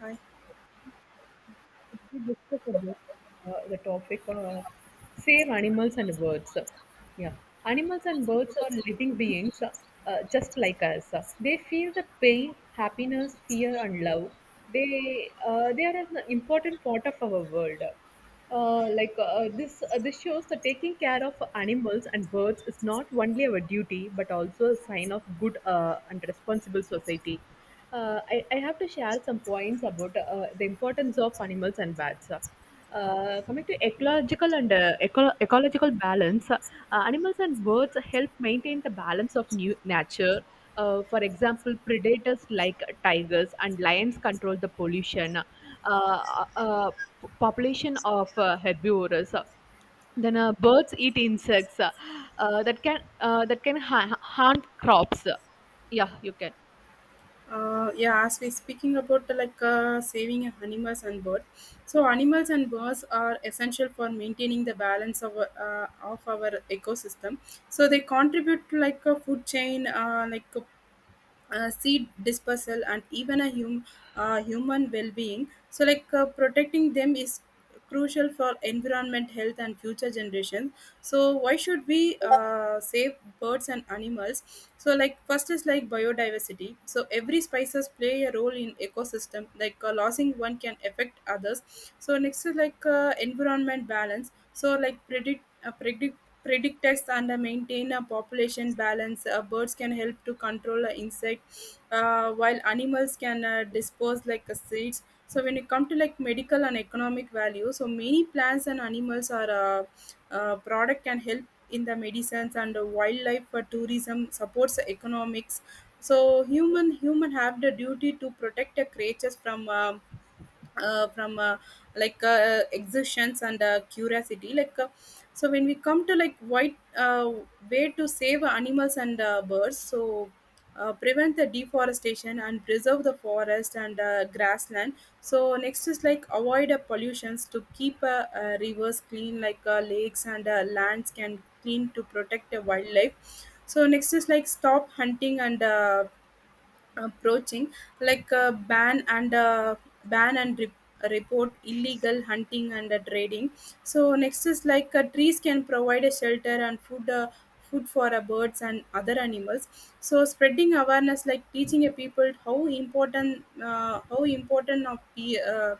Hi. If we discuss about the topic, save animals and birds. Yeah, animals and birds are living beings, just like us. They feel the pain, happiness, fear and love. They are an important part of our world. This shows that taking care of animals and birds is not only our duty but also a sign of good and responsible society. I have to share some points about the importance of animals and birds. Coming to ecological and ecological balance, animals and birds help maintain the balance of new nature. For example, predators like tigers and lions control the pollution. Uh, uh, Population of herbivores. Then birds eat insects, that can harm crops. Yeah, you can. Yeah, as we speaking about the, like saving animals and birds. So animals and birds are essential for maintaining the balance of of our ecosystem. So they contribute to like a food chain, like a, seed dispersal, and even a human well being. So like protecting them is crucial for environment health and future generations. So why should we save birds and animals? So like first is like biodiversity, so every species play a role in ecosystem, like losing one can affect others. So next is like environment balance, so like predict us and maintain a population balance. Uh, birds can help to control insect, while animals can dispose like seeds. So when it comes to like medical and economic value, so many plants and animals are product can help in the medicines, and the wildlife for tourism supports economics. So human have the duty to protect the creatures from uh, from uh, exertions and curiosity, like so when we come to like white way to save animals and birds. So prevent the deforestation and preserve the forest and grassland. So next is like avoid pollutions to keep rivers clean, like lakes and lands can clean to protect the wildlife. So next is like stop hunting and approaching, like a ban and ban and re- report illegal hunting and trading. So next is like trees can provide a shelter and food for birds and other animals. So spreading awareness like teaching a people how important of the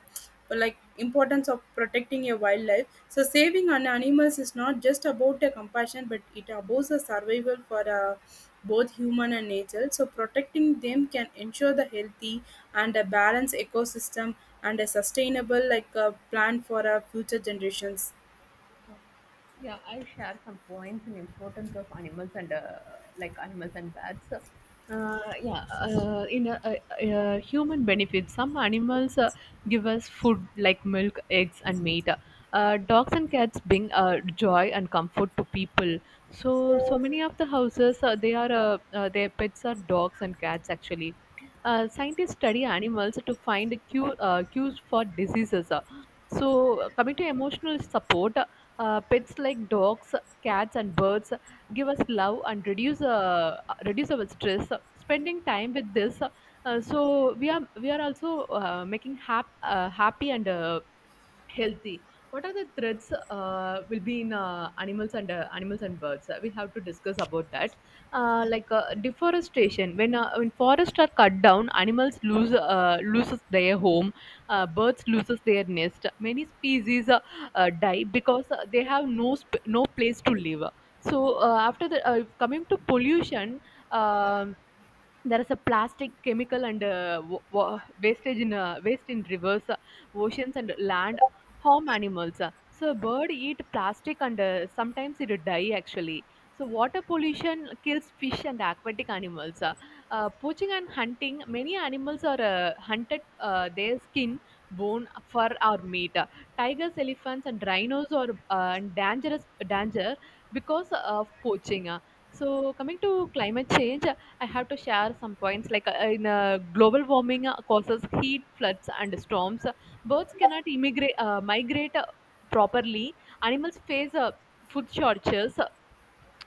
like importance of protecting your wildlife. So saving on animals is not just about a compassion, but it about the survival for both human and nature. So protecting them can ensure the healthy and a balanced ecosystem, and a sustainable like a plan for our future generations. Yeah, I'll share some points in importance of animals and animals and bats. Yeah in a, human benefit, some animals give us food like milk, eggs and meat. Dogs and cats bring joy and comfort to people. So so many of the houses, they are their pets are dogs and cats actually. Scientists study animals to find cures for diseases. So, coming to emotional support, pets like dogs, cats, and birds give us love and reduce our stress. Spending time with so we are also happy and healthy. What are the threats will be in, animals and, animals and birds? We have to discuss about that. Deforestation: when forests are cut down, animals loses their home. Birds loses their nest. Many species die because they have no place to live. So after the Coming to pollution, um there is a plastic, chemical and wastage in, waste in rivers, oceans and land, harm animals. So a bird eat plastic and sometimes it die actually. So water pollution kills fish and aquatic animals. Poaching and hunting: many animals are hunted, their skin, bone, fur or meat. Tigers, elephants and rhinos are in danger because of poaching. So, coming to climate change, I have to share some points like, in global warming causes heat, floods, and storms. Birds cannot migrate properly. Animals face food shortages.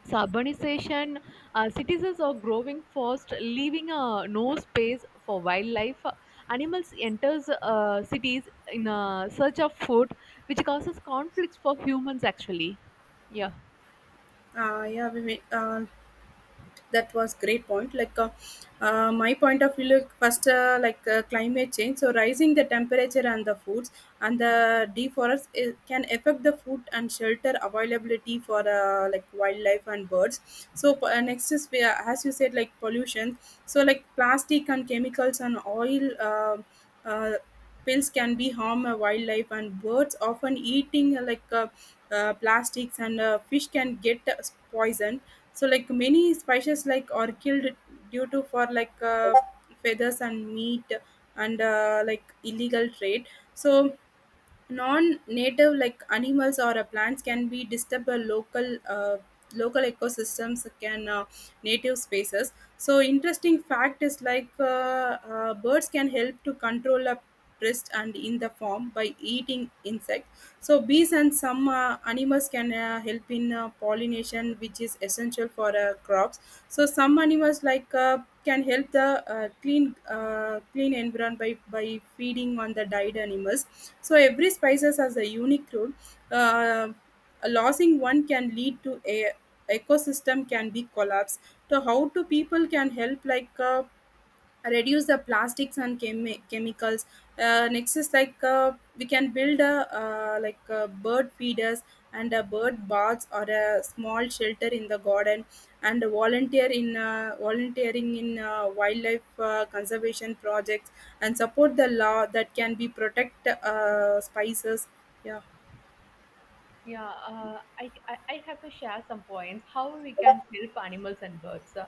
So urbanization, cities are growing fast, leaving no space for wildlife. Animals enters cities in search of food, which causes conflicts for humans. Actually, yeah. Yeah, we may, that was great point, like my point of view, like first climate change, so rising the temperature and the foods and the deforest is, can affect the food and shelter availability for like wildlife and birds. So next is we are- as you said, like pollution. So like plastic and chemicals and oil uh, pills can be harm wildlife, and birds often eating plastics, and fish can get poison. So like many spices like are killed due to for like feathers and meat and like illegal trade. So non-native like animals or plants can be disturb a local ecosystems can native spaces. So interesting fact is like birds can help to control a pest and in the form by eating insects. So bees and some animals can help in pollination, which is essential for crops. So some animals like can help the clean environment by feeding on the died animals. So every species has a unique role. Uh, losing one can lead to a ecosystem can be collapse. So how to people can help, like reduce the plastics and chemicals. Uh, next is like we can build a bird feeders and a bird baths or a small shelter in the garden, and volunteering in wildlife conservation projects, and support the law that can be protect spices. Yeah. Yeah, I have to share some points how we can help animals and birds.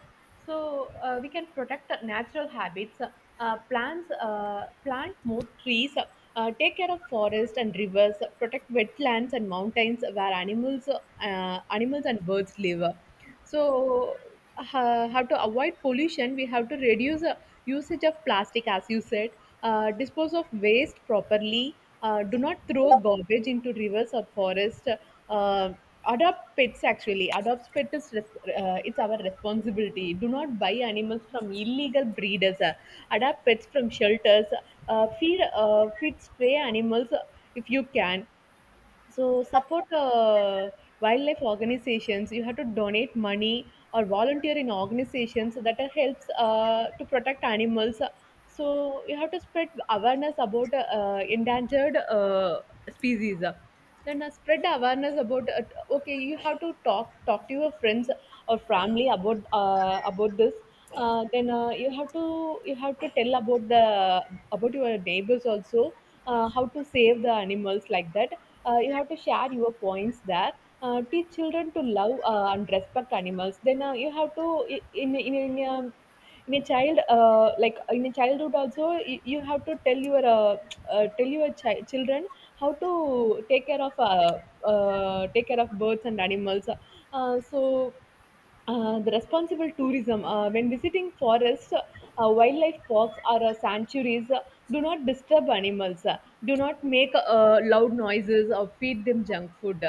So we can protect the natural habits, plant more trees, take care of forests and rivers, protect wetlands and mountains where animals and birds live. So ho- how to avoid pollution? We have to reduce the usage of plastic, as you said. Dispose of waste properly. Do not throw garbage into rivers or forest. Uh, Adopt pets actually. Adopt pet is it's our responsibility. Do not buy animals from illegal breeders. Adopt pets from shelters. Feed stray animals, if you can. So support, wildlife organizations. You have to donate money or volunteer in organizations so that helps to protect animals. So you have to spread awareness about endangered species. Then spread the awareness about, okay, you have to talk to your friends or family about, about this. Then you have to tell about the, about your neighbors also, how to save the animals like that. You have to share your points there. Teach children to love and respect animals. Then you have to, in in, in um, in a child, like in a childhood also, you have to tell your, tell your children how to take care of, take care of birds and animals. The responsible tourism, when visiting forests, wildlife parks or sanctuaries, do not disturb animals, do not make loud noises or feed them junk food.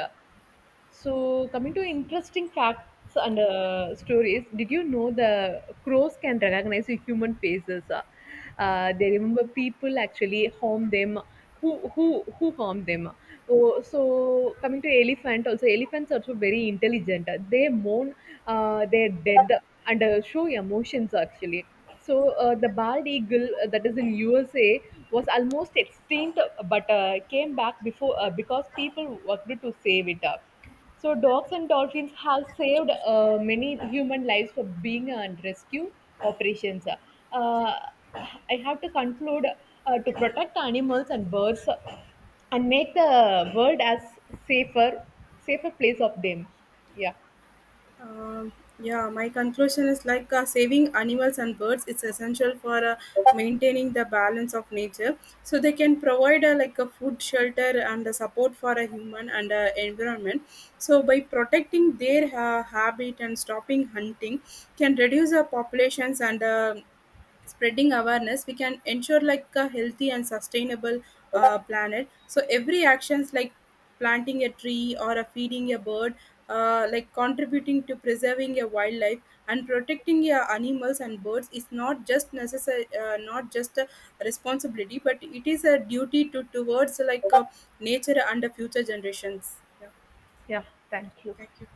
So, coming to interesting facts and stories, did you know the crows can recognize the human faces? They remember people actually harm them. Who harm them? Oh, so coming to elephant, also elephants are also very intelligent. They mourn their dead and show emotions actually. So the bald eagle that is in USA was almost extinct, but came back before because people worked to save it up. So dogs and dolphins have saved, many human lives for being and rescue operations. Uh, I have to conclude, to protect animals and birds and make the world as safer safer place of them. Yeah. Um, yeah, my conclusion is like saving animals and birds it's essential for maintaining the balance of nature. So they can provide like a food shelter and the support for a human and environment. So by protecting their habit and stopping hunting can reduce the populations, and spreading awareness, we can ensure like a healthy and sustainable planet. So every actions like planting a tree or a feeding a bird, like contributing to preserving your wildlife and protecting your animals and birds is not just necessary, not just a responsibility, but it is a duty to towards like nature and the future generations. Yeah, Yeah, thank you. thank you.